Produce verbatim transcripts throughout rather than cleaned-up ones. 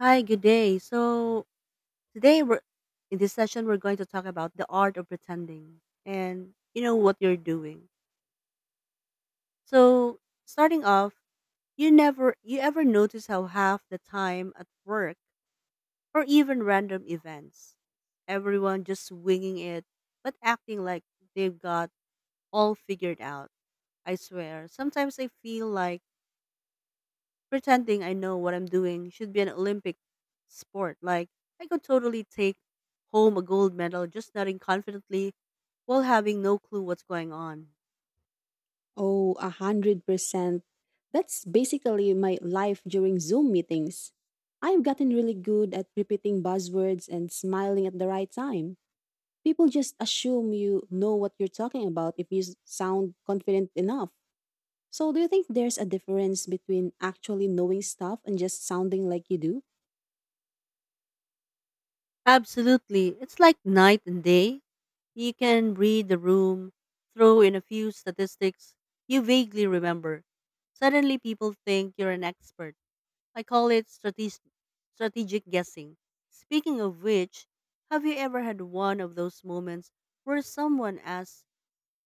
Hi, good day. So today we're in this session we're going to talk about the art of pretending and you know what you're doing. So starting off, you never you ever notice how half the time at work or even random events, everyone just winging it but acting like they've got all figured out? I swear, sometimes I feel like pretending I know what I'm doing should be an Olympic sport. Like, I could totally take home a gold medal just nodding confidently while having no clue what's going on. Oh, a hundred percent. That's basically my life during Zoom meetings. I've gotten really good at repeating buzzwords and smiling at the right time. People just assume you know what you're talking about if you s- sound confident enough. So, do you think there's a difference between actually knowing stuff and just sounding like you do? Absolutely. It's like night and day. You can read the room, throw in a few statistics you vaguely remember. Suddenly, people think you're an expert. I call it strategic, strategic guessing. Speaking of which, have you ever had one of those moments where someone asks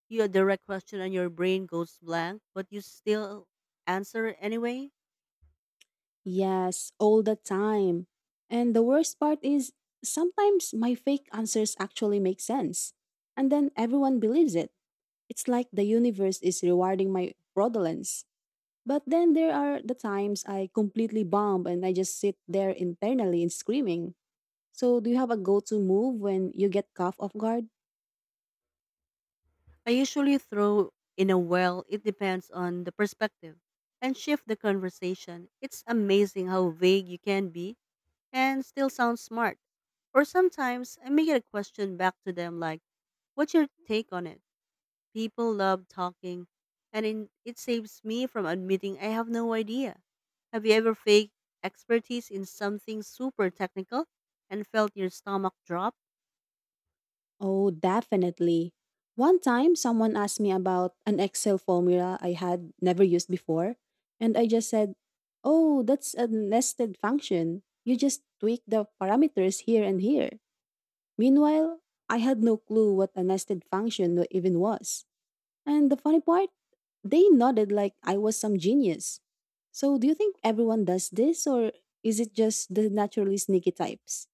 you a direct question and your brain goes blank, but you still answer it anyway? Yes, all the time. And the worst part is sometimes my fake answers actually make sense. And then everyone believes it. It's like the universe is rewarding my fraudulence. But then there are the times I completely bomb and I just sit there internally and screaming. So, do you have a go to move when you get caught off guard? I usually throw in a, "Well, it depends on the perspective," and shift the conversation. It's amazing how vague you can be and still sound smart. Or sometimes I make it a question back to them, like, "What's your take on it?" People love talking, and in, it saves me from admitting I have no idea. Have you ever faked expertise in something super technical and felt your stomach drop? Oh, definitely. One time, someone asked me about an Excel formula I had never used before, and I just said, "Oh, that's a nested function. You just tweak the parameters here and here." Meanwhile, I had no clue what a nested function wa- even was. And the funny part, they nodded like I was some genius. So, do you think everyone does this, or is it just the naturally sneaky types?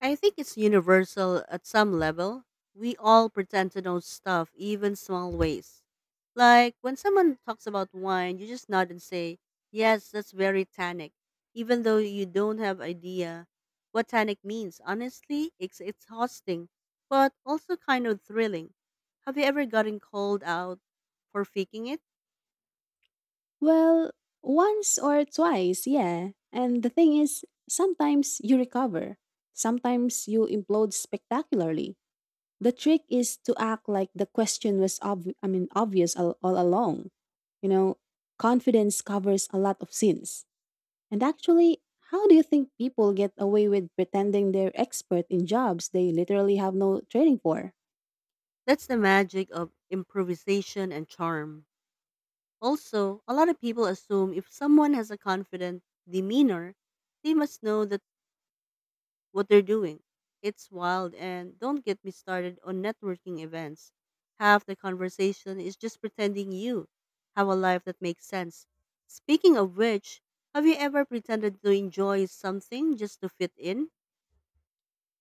I think it's universal at some level. We all pretend to know stuff, even small ways. Like when someone talks about wine, you just nod and say, "Yes, that's very tannic," even though you don't have idea what tannic means. Honestly, it's exhausting, but also kind of thrilling. Have you ever gotten called out for faking it? Well, once or twice, yeah. And the thing is, sometimes you recover, sometimes you implode spectacularly. The trick is to act like the question was obvi- I mean obvious all, all along. You know, confidence covers a lot of sins. And actually, how do you think people get away with pretending they're expert in jobs they literally have no training for? That's the magic of improvisation and charm. Also, a lot of people assume if someone has a confident demeanor, they must know that what they're doing. It's wild, and don't get me started on networking events. Half the conversation is just pretending you have a life that makes sense. Speaking of which, have you ever pretended to enjoy something just to fit in?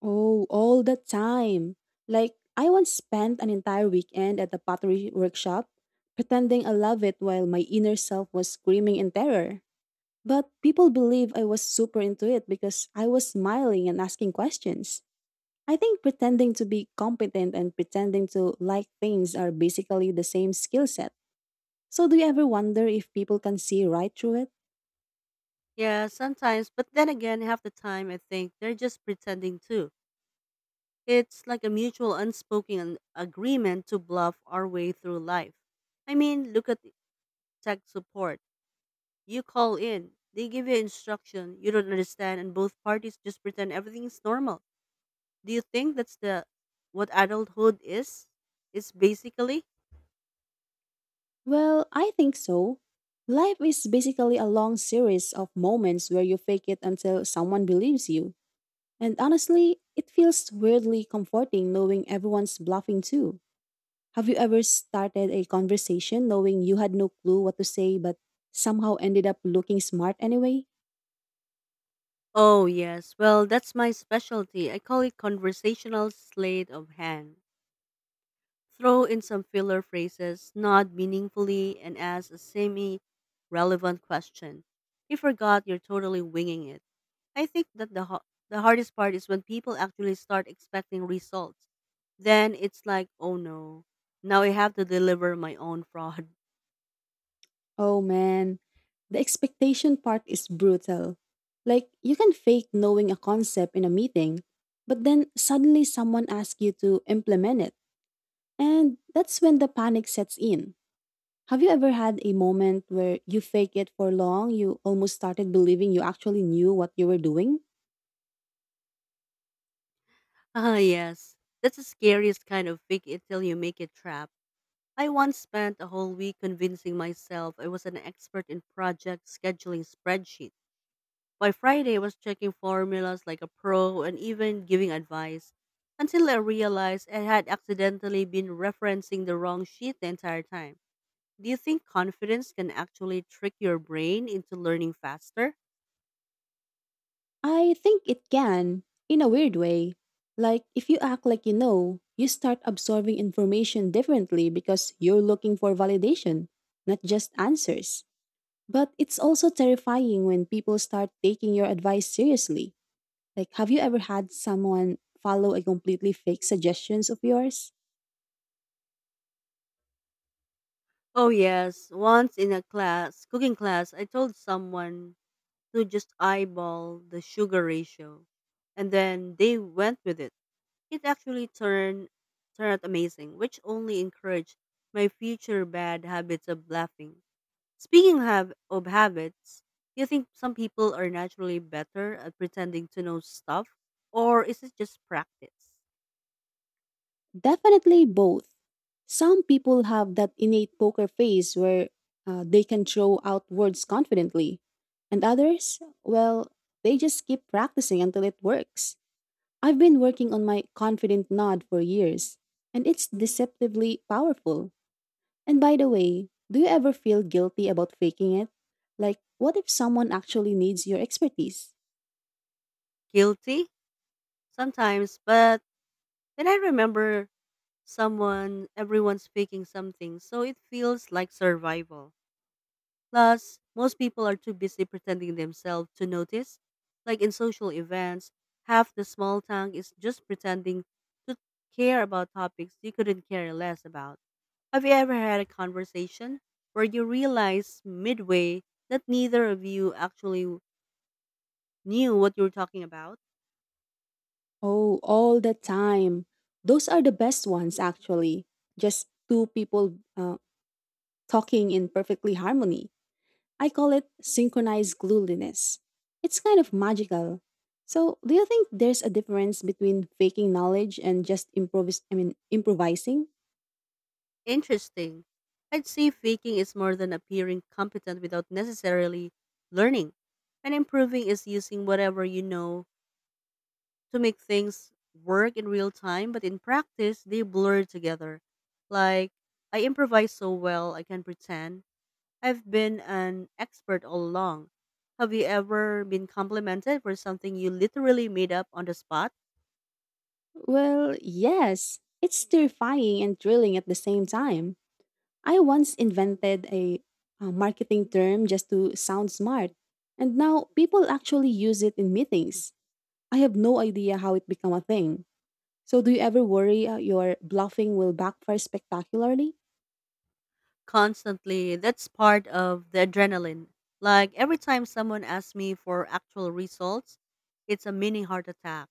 Oh, all the time. Like, I once spent an entire weekend at a pottery workshop pretending I love it while my inner self was screaming in terror. But people believe I was super into it because I was smiling and asking questions. I think pretending to be competent and pretending to like things are basically the same skill set. So, do you ever wonder if people can see right through it? Yeah, sometimes, but then again, half the time I think they're just pretending too. It's like a mutual unspoken an- agreement to bluff our way through life. I mean, look at tech support. You call in, they give you instruction you don't understand, and both parties just pretend everything's normal. Do you think that's the what adulthood is? It's basically. Well, I think so. Life is basically a long series of moments where you fake it until someone believes you. And honestly, it feels weirdly comforting knowing everyone's bluffing too. Have you ever started a conversation knowing you had no clue what to say but somehow ended up looking smart anyway? Oh yes, well, that's my specialty. I call it conversational sleight of hand. Throw in some filler phrases, nod meaningfully, and ask a semi relevant question. If forgot, you're totally winging it. I think that the, ho- the hardest part is when people actually start expecting results. Then it's like, oh no, now I have to deliver my own fraud. Oh man, the expectation part is brutal. Like, you can fake knowing a concept in a meeting, but then suddenly someone asks you to implement it. And that's when the panic sets in. Have you ever had a moment where you fake it for long? You almost started believing you actually knew what you were doing? Ah, yes. That's the scariest kind of fake it till you make it trap. I once spent a whole week convincing myself I was an expert in project scheduling spreadsheets. By Friday, I was checking formulas like a pro and even giving advice, until I realized I had accidentally been referencing the wrong sheet the entire time. Do you think confidence can actually trick your brain into learning faster? I think it can, in a weird way. Like, if you act like you know, you start absorbing information differently because you're looking for validation, not just answers. But it's also terrifying when people start taking your advice seriously. Like, have you ever had someone follow a completely fake suggestions of yours? Oh, yes. Once in a class, cooking class, I told someone to just eyeball the sugar ratio, and then they went with it. It actually turned turned out amazing, which only encouraged my future bad habits of laughing. Speaking of, of habits, do you think some people are naturally better at pretending to know stuff, or is it just practice? Definitely both. Some people have that innate poker face where uh, they can throw out words confidently, and others, well, they just keep practicing until it works. I've been working on my confident nod for years, and it's deceptively powerful. And by the way, do you ever feel guilty about faking it? Like, what if someone actually needs your expertise? Guilty sometimes, but then I remember someone, everyone speaking something, so it feels like survival. Plus, most people are too busy pretending themselves to notice. Like in social events, half the small town is just pretending to care about topics you couldn't care less about. Have you ever had a conversation where you realize midway that neither of you actually knew what you were talking about? Oh, all the time. Those are the best ones, actually. Just two people uh, talking in perfectly harmony. I call it synchronized glueliness. It's kind of magical. So, do you think there's a difference between faking knowledge and just improvis- I mean, improvising? Interesting. I'd say faking is more than appearing competent without necessarily learning. And improving is using whatever you know to make things work in real time, but in practice, they blur together. Like, I improvise so well, I can pretend I've been an expert all along. Have you ever been complimented for something you literally made up on the spot? Well, yes. It's terrifying and thrilling at the same time. I once invented a, a marketing term just to sound smart, and now people actually use it in meetings. I have no idea how it became a thing. So, do you ever worry uh, your bluffing will backfire spectacularly? Constantly. That's part of the adrenaline. Like every time someone asks me for actual results, it's a mini heart attack.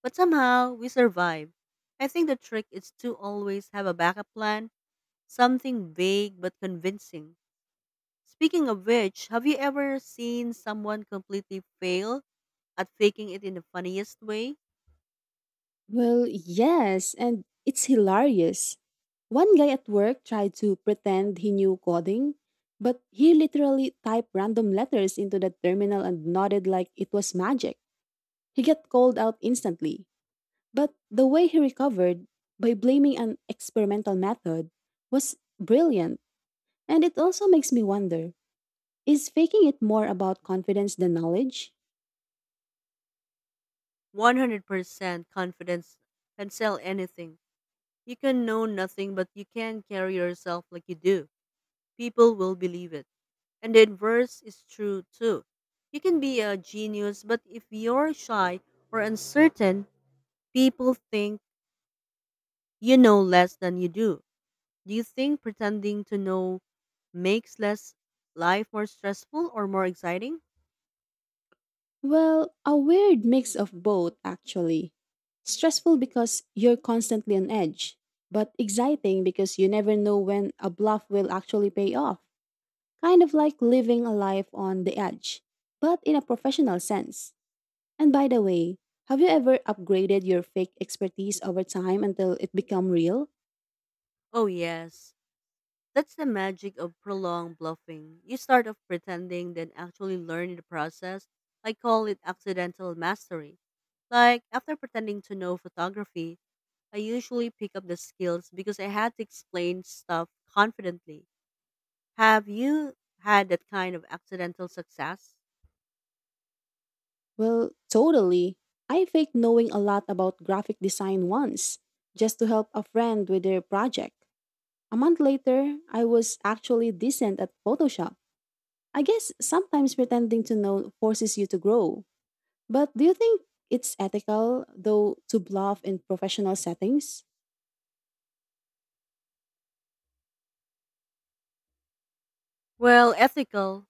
But somehow we survive. I think the trick is to always have a backup plan, something vague but convincing. Speaking of which, have you ever seen someone completely fail at faking it in the funniest way? Well, yes, and it's hilarious. One guy at work tried to pretend he knew coding, but he literally typed random letters into the terminal and nodded like it was magic. He got called out instantly. But the way he recovered by blaming an experimental method was brilliant. And it also makes me wonder, is faking it more about confidence than knowledge? one hundred percent confidence can sell anything. You can know nothing, but you can carry yourself like you do. People will believe it. And the inverse is true too. You can be a genius, but if you're shy or uncertain, people think you know less than you do. Do you think pretending to know makes less life more stressful or more exciting? Well, a weird mix of both, actually. Stressful because you're constantly on edge, but exciting because you never know when a bluff will actually pay off. Kind of like living a life on the edge, but in a professional sense. And by the way, have you ever upgraded your fake expertise over time until it become real? Oh, yes. That's the magic of prolonged bluffing. You start off pretending, then actually learn in the process. I call it accidental mastery. Like, after pretending to know photography, I usually pick up the skills because I had to explain stuff confidently. Have you had that kind of accidental success? Well, totally. I faked knowing a lot about graphic design once, just to help a friend with their project. A month later, I was actually decent at Photoshop. I guess sometimes pretending to know forces you to grow. But do you think it's ethical, though, to bluff in professional settings? Well, ethical.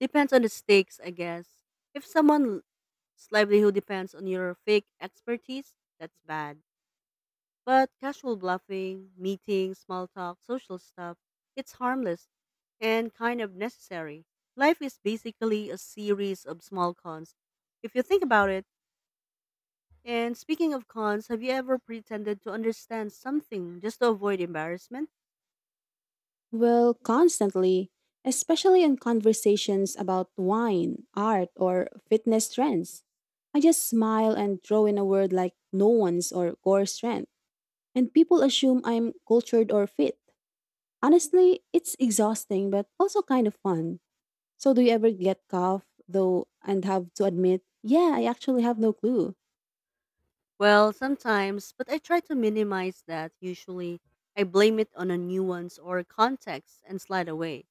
Depends on the stakes, I guess. If someone's livelihood depends on your fake expertise, that's bad. But casual bluffing, meetings, small talk, social stuff, it's harmless and kind of necessary. Life is basically a series of small cons, if you think about it. And speaking of cons, have you ever pretended to understand something just to avoid embarrassment? Well, constantly, especially in conversations about wine, art, or fitness trends. I just smile and throw in a word like no one's or core strength, and people assume I'm cultured or fit. Honestly, it's exhausting but also kind of fun. So, do you ever get cough though and have to admit, yeah, I actually have no clue? Well, sometimes, but I try to minimize that usually. I blame it on a nuance or context and slide away.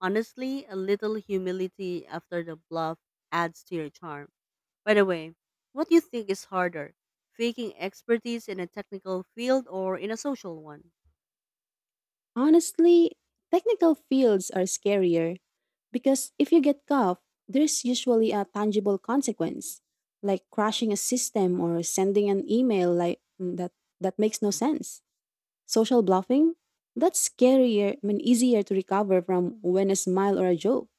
Honestly, a little humility after the bluff adds to your charm. By the way, what do you think is harder, faking expertise in a technical field or in a social one? Honestly, technical fields are scarier. Because if you get cuffed, there's usually a tangible consequence, like crashing a system or sending an email like mm, that that makes no sense. Social bluffing, that's scarier, I mean easier to recover from when a smile or a joke.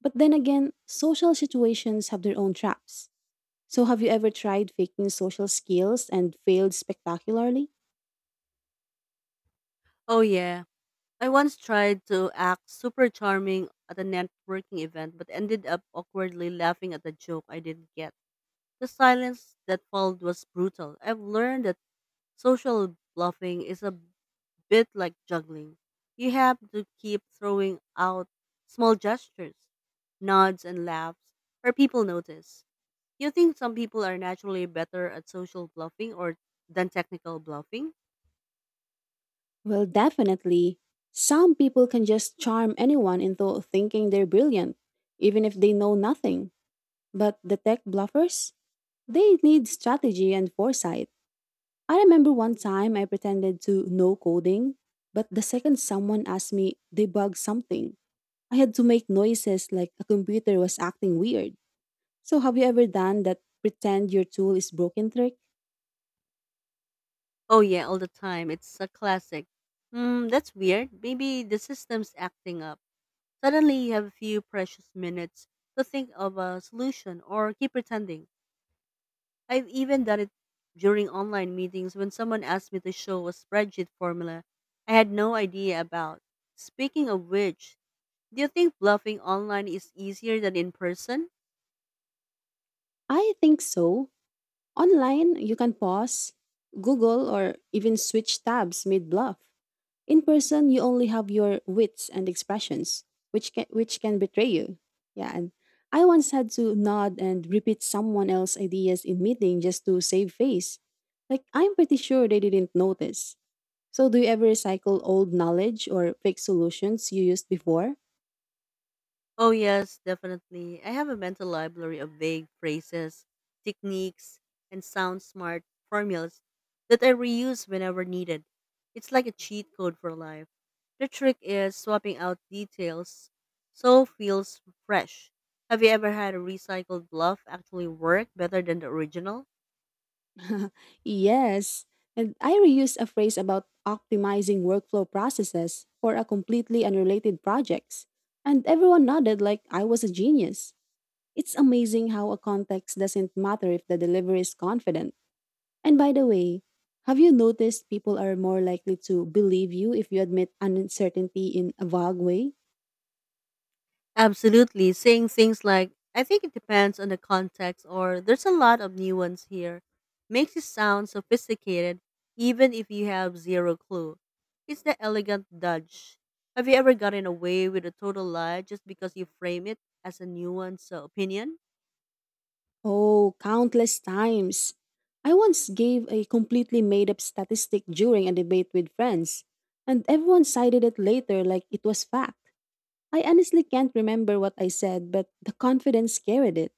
But then again, social situations have their own traps. So have you ever tried faking social skills and failed spectacularly? Oh, yeah. I once tried to act super charming at a networking event but ended up awkwardly laughing at a joke I didn't get. The silence that followed was brutal. I've learned that social bluffing is a bit like juggling. You have to keep throwing out small gestures, nods, and laughs for people notice. You think some people are naturally better at social bluffing or than technical bluffing? Well, definitely. Some people can just charm anyone into thinking they're brilliant, even if they know nothing. But the tech bluffers? They need strategy and foresight. I remember one time I pretended to know coding, but the second someone asked me debug something, I had to make noises like a computer was acting weird. So have you ever done that pretend your tool is broken trick? Oh yeah, all the time. It's a classic. Hmm, that's weird. Maybe the system's acting up. Suddenly you have a few precious minutes to think of a solution or keep pretending. I've even done it during online meetings when someone asked me to show a spreadsheet formula I had no idea about. Speaking of which, do you think bluffing online is easier than in person? I think so. Online, you can pause, Google, or even switch tabs mid bluff. In person, you only have your wits and expressions, which can which can betray you. Yeah, and I once had to nod and repeat someone else's ideas in meeting just to save face. Like I'm pretty sure they didn't notice. So do you ever recycle old knowledge or fake solutions you used before? Oh, yes, definitely. I have a mental library of vague phrases, techniques, and sound smart formulas that I reuse whenever needed. It's like a cheat code for life. The trick is swapping out details so feels fresh. Have you ever had a recycled bluff actually work better than the original? Yes. And I reused a phrase about optimizing workflow processes for a completely unrelated projects. And everyone nodded like I was a genius. It's amazing how a context doesn't matter if the delivery is confident. And by the way, have you noticed people are more likely to believe you if you admit uncertainty in a vague way? Absolutely. Saying things like, "I think it depends on the context," or, "There's a lot of nuance here," makes it sound sophisticated, even if you have zero clue. It's the elegant dodge. Have you ever gotten away with a total lie just because you frame it as a nuanced uh, opinion? Oh, countless times. I once gave a completely made up statistic during a debate with friends, and everyone cited it later like it was fact. I honestly can't remember what I said, but the confidence carried it.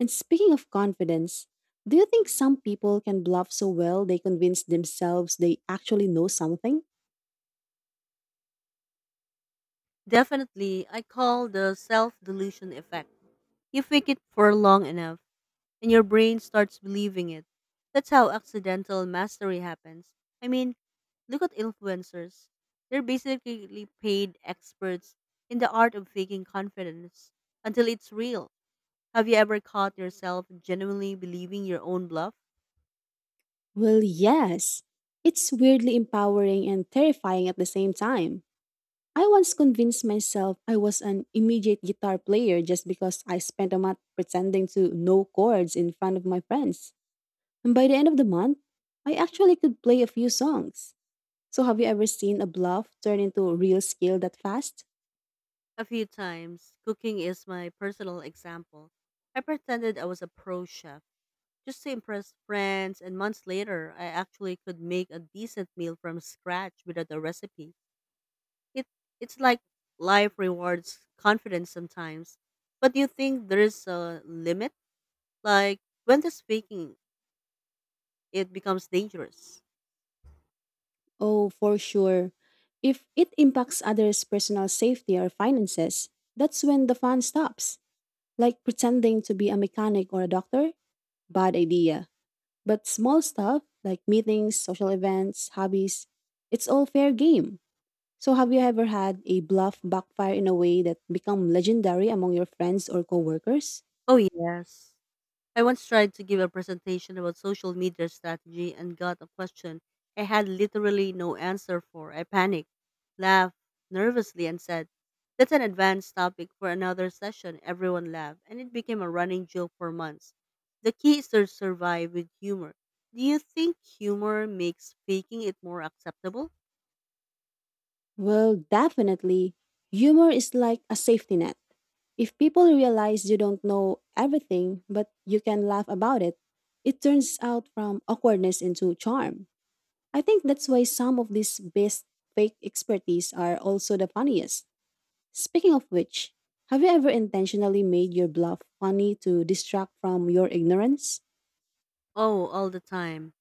And speaking of confidence, do you think some people can bluff so well they convince themselves they actually know something? Definitely, I call the self delusion effect. You fake it for long enough and your brain starts believing it. That's how accidental mastery happens. I mean, look at influencers. They're basically paid experts in the art of faking confidence until it's real. Have you ever caught yourself genuinely believing your own bluff? Well, yes. It's weirdly empowering and terrifying at the same time. I once convinced myself I was an immediate guitar player just because I spent a month pretending to know chords in front of my friends. And by the end of the month, I actually could play a few songs. So, have you ever seen a bluff turn into real skill that fast? A few times. Cooking is my personal example. I pretended I was a pro chef just to impress friends, and months later, I actually could make a decent meal from scratch without a recipe. It it's like life rewards confidence sometimes. But do you think there is a limit? Like when the speaking it becomes dangerous? Oh, for sure. If it impacts others' personal safety or finances, that's when the fun stops. Like pretending to be a mechanic or a doctor? Bad idea. But small stuff, like meetings, social events, hobbies, it's all fair game. So have you ever had a bluff backfire in a way that become legendary among your friends or coworkers? Oh yes. I once tried to give a presentation about social media strategy and got a question I had literally no answer for. I panicked, laughed nervously, and said, "That's an advanced topic for another session." Everyone laughed, and it became a running joke for months. The key is to survive with humor. Do you think humor makes faking it more acceptable? Well, definitely. Humor is like a safety net. If people realize you don't know everything, but you can laugh about it, it turns out from awkwardness into charm. I think that's why some of these best fake expertise are also the funniest. Speaking of which, have you ever intentionally made your bluff funny to distract from your ignorance? Oh, all the time.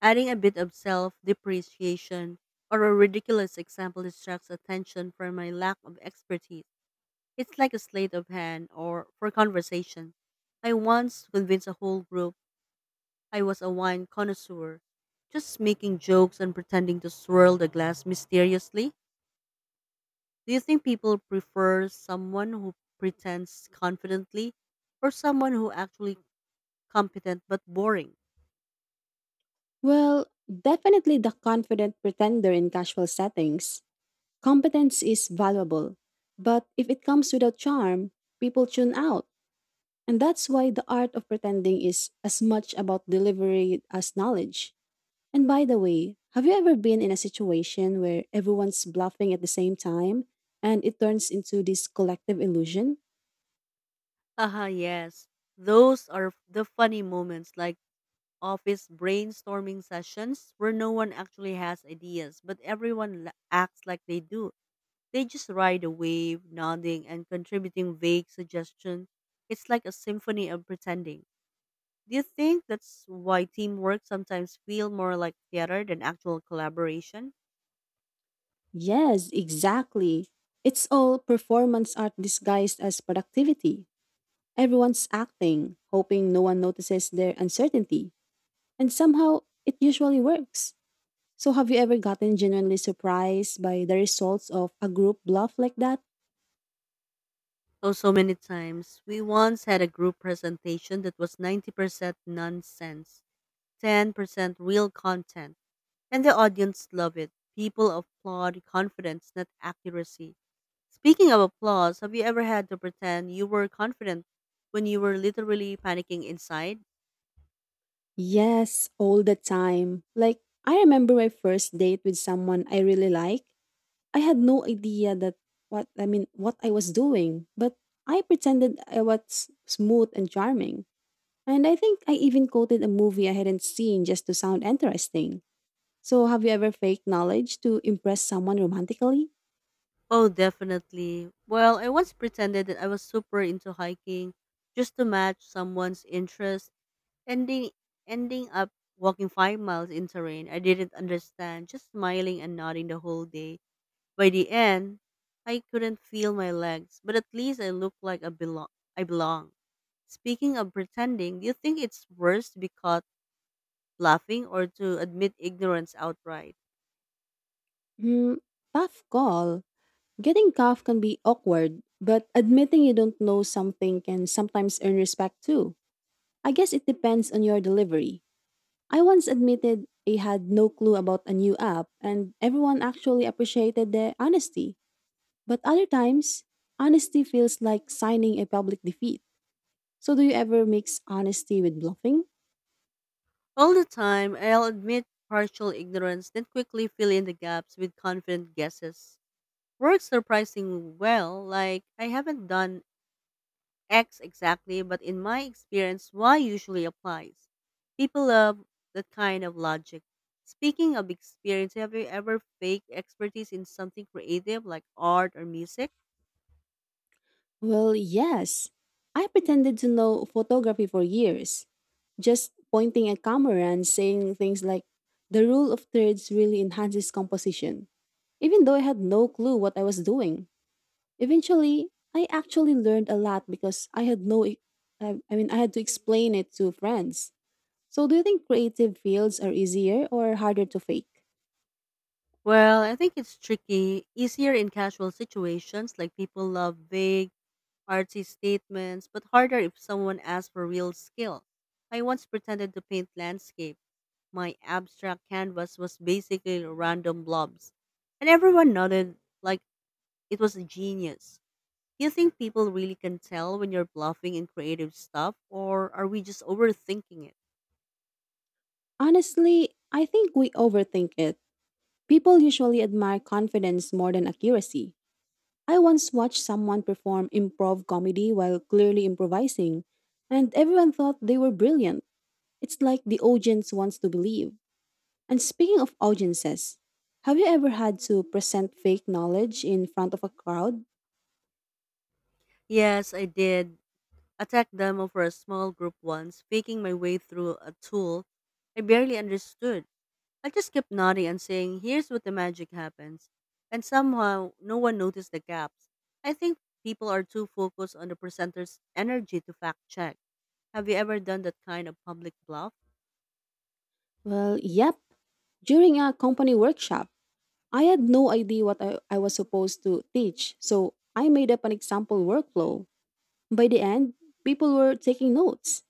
Adding a bit of self depreciation or a ridiculous example distracts attention from my lack of expertise. It's like a sleight of hand or for conversation. I once convinced a whole group I was a wine connoisseur, just making jokes and pretending to swirl the glass mysteriously. Do you think people prefer someone who pretends confidently or someone who actually competent but boring? Well, definitely the confident pretender in casual settings. Competence is valuable, but if it comes without charm, people tune out. And that's why the art of pretending is as much about delivery as knowledge. And by the way, have you ever been in a situation where everyone's bluffing at the same time and it turns into this collective illusion? Haha, yes. Those are the funny moments, like office brainstorming sessions where no one actually has ideas, but everyone la- acts like they do. They just ride the wave, nodding and contributing vague suggestions. It's like a symphony of pretending. Do you think that's why teamwork sometimes feel more like theater than actual collaboration? Yes, exactly. It's all performance art disguised as productivity. Everyone's acting, hoping no one notices their uncertainty. And somehow, it usually works. So, have you ever gotten genuinely surprised by the results of a group bluff like that? Oh, so many times. We once had a group presentation that was ninety percent nonsense, ten percent real content, and the audience loved it. People applaud confidence, not accuracy. Speaking of applause, have you ever had to pretend you were confident when you were literally panicking inside? Yes, all the time. Like, I remember my first date with someone I really like. I had no idea that what I mean, what I was doing, but I pretended I was smooth and charming. And I think I even quoted a movie I hadn't seen just to sound interesting. So, have you ever faked knowledge to impress someone romantically? Oh, definitely. Well, I once pretended that I was super into hiking just to match someone's interest, ending ending up walking five miles in terrain I didn't understand, just smiling and nodding the whole day. By the end, I couldn't feel my legs, but at least I looked like I belong I belong. Speaking of pretending, do you think it's worse to be caught laughing or to admit ignorance outright? Hmm, tough call. Getting caught can be awkward, but admitting you don't know something can sometimes earn respect too. I guess it depends on your delivery. I once admitted I had no clue about a new app, and everyone actually appreciated the honesty. But other times, honesty feels like signing a public defeat. So, do you ever mix honesty with bluffing? All the time, I'll admit partial ignorance, then quickly fill in the gaps with confident guesses. Works surprisingly well, like I haven't done X exactly, but in my experience, Y usually applies. People love that kind of logic. Speaking of experience, have you ever faked expertise in something creative like art or music? Well, yes. I pretended to know photography for years, just pointing a camera and saying things like, the rule of thirds really enhances composition, even though I had no clue what I was doing. Eventually, I actually learned a lot because I had no, e- I I mean, I had to explain it to friends. So, do you think creative fields are easier or harder to fake? Well, I think it's tricky. Easier in casual situations, like people love vague artsy statements, but harder if someone asks for real skill. I once pretended to paint landscape. My abstract canvas was basically random blobs, and everyone nodded like it was a genius. Do you think people really can tell when you're bluffing in creative stuff, or are we just overthinking it? Honestly, I think we overthink it. People usually admire confidence more than accuracy. I once watched someone perform improv comedy while clearly improvising, and everyone thought they were brilliant. It's like the audience wants to believe. And speaking of audiences, have you ever had to present fake knowledge in front of a crowd? Yes, I did. A tech demo for a small group once, faking my way through a tool I barely understood. I just kept nodding and saying, here's what the magic happens. And somehow, no one noticed the gaps. I think people are too focused on the presenter's energy to fact check. Have you ever done that kind of public bluff? Well, yep. During a company workshop, I had no idea what I, I was supposed to teach, so I made up an example workflow. By the end, people were taking notes.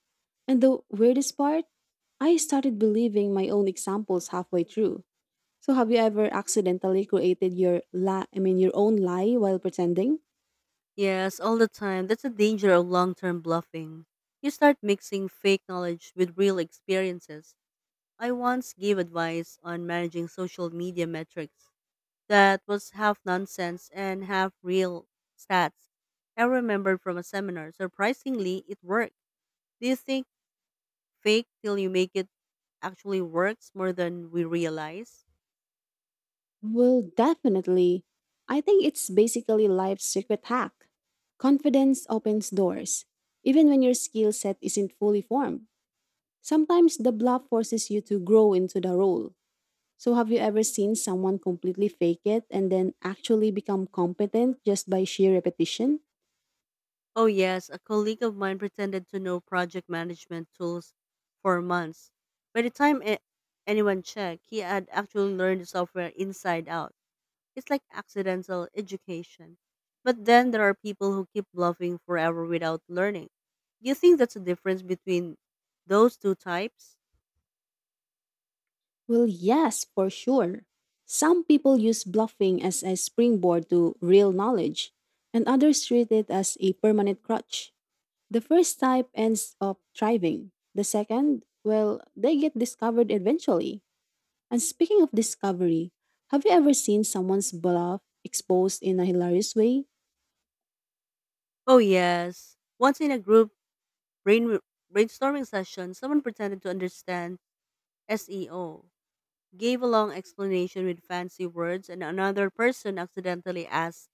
And the weirdest part, I started believing my own examples halfway through. So have you ever accidentally created your la I mean your own lie while pretending? Yes, all the time. That's the danger of long term bluffing. You start mixing fake knowledge with real experiences. I once gave advice on managing social media metrics that was half nonsense and half real stats I remembered from a seminar. Surprisingly, it worked. Do you think fake till you make it actually works more than we realize? Well, definitely. I think it's basically life's secret hack. Confidence opens doors, even when your skill set isn't fully formed. Sometimes the bluff forces you to grow into the role. So, have you ever seen someone completely fake it and then actually become competent just by sheer repetition? Oh, yes, a colleague of mine pretended to know project management tools for months. By the time a- anyone checked, he had actually learned the software inside out. It's like accidental education. But then there are people who keep bluffing forever without learning. Do you think that's a difference between those two types? Well, yes, for sure. Some people use bluffing as a springboard to real knowledge, and others treat it as a permanent crutch. The first type ends up thriving. The second, well, they get discovered eventually. And speaking of discovery, have you ever seen someone's bluff exposed in a hilarious way? Oh, yes. Once in a group brain, brainstorming session, someone pretended to understand SEO, gave a long explanation with fancy words, and another person accidentally asked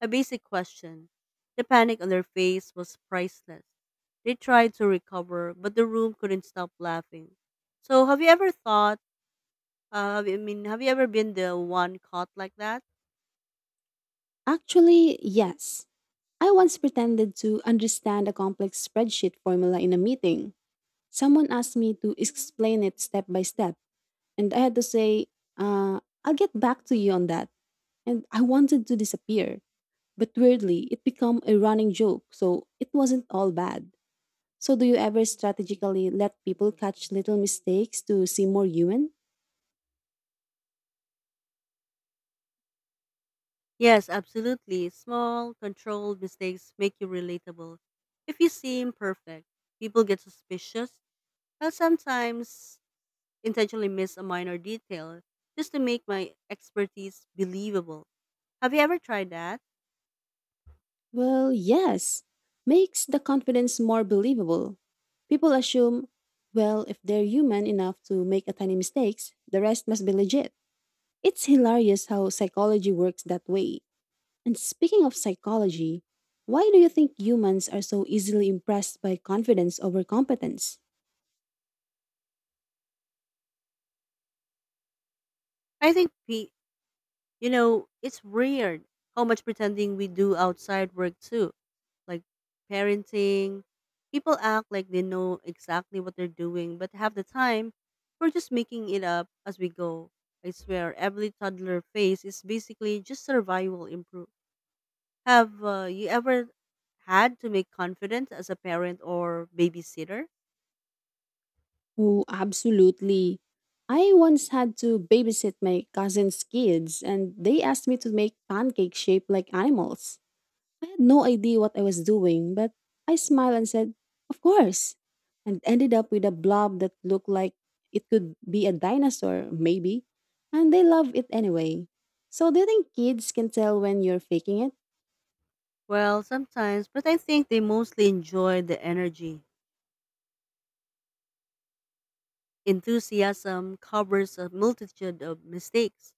a basic question. The panic on their face was priceless. They tried to recover, but the room couldn't stop laughing. So, have you ever thought, uh, I mean, have you ever been the one caught like that? Actually, yes. I once pretended to understand a complex spreadsheet formula in a meeting. Someone asked me to explain it step by step, and I had to say, uh, I'll get back to you on that. And I wanted to disappear. But weirdly, it became a running joke, so it wasn't all bad. So, do you ever strategically let people catch little mistakes to seem more human? Yes, absolutely. Small, controlled mistakes make you relatable. If you seem perfect, people get suspicious, and sometimes intentionally miss a minor detail just to make my expertise believable. Have you ever tried that? Well, yes. Makes the confidence more believable. People assume, well, if they're human enough to make a tiny mistakes, the rest must be legit. It's hilarious how psychology works that way. And speaking of psychology, why do you think humans are so easily impressed by confidence over competence? I think, P- you know, It's weird how much pretending we do outside work too, like parenting. People act like they know exactly what they're doing, but half the time, we're just making it up as we go. I swear, every toddler phase is basically just survival improve. Have uh, you ever had to make confidence as a parent or babysitter? Oh, absolutely. I once had to babysit my cousin's kids, and they asked me to make pancakes shaped like animals. I had no idea what I was doing, but I smiled and said, of course, and ended up with a blob that looked like it could be a dinosaur, maybe. And they loved it anyway. So, do you think kids can tell when you're faking it? Well, sometimes, but I think they mostly enjoy the energy. Enthusiasm covers a multitude of mistakes.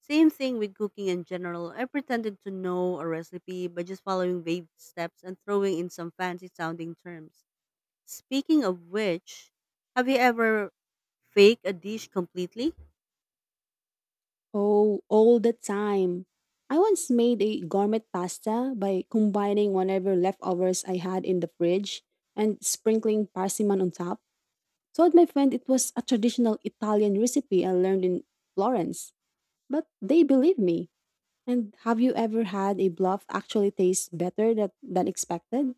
Same thing with cooking in general. I pretended to know a recipe by just following vague steps and throwing in some fancy sounding terms. Speaking of which, have you ever faked a dish completely? Oh, all the time. I once made a gourmet pasta by combining whatever leftovers I had in the fridge and sprinkling parsimon on top. Told my friend it was a traditional Italian recipe I learned in Florence, but they believed me. And have you ever had a bluff actually taste better that, than expected?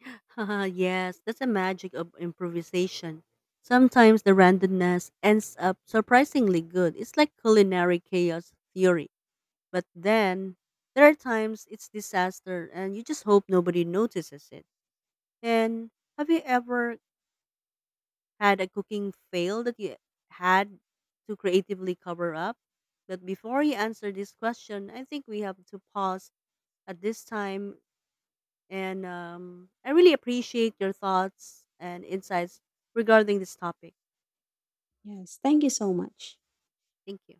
Haha, yes, that's the magic of improvisation. Sometimes the randomness ends up surprisingly good. It's like culinary chaos theory. But then there are times it's disaster and you just hope nobody notices it. And have you ever had a cooking fail that you had to creatively cover up? But before you answer this question, I think we have to pause at this time. And um, I really appreciate your thoughts and insights regarding this topic. Yes, thank you so much. Thank you.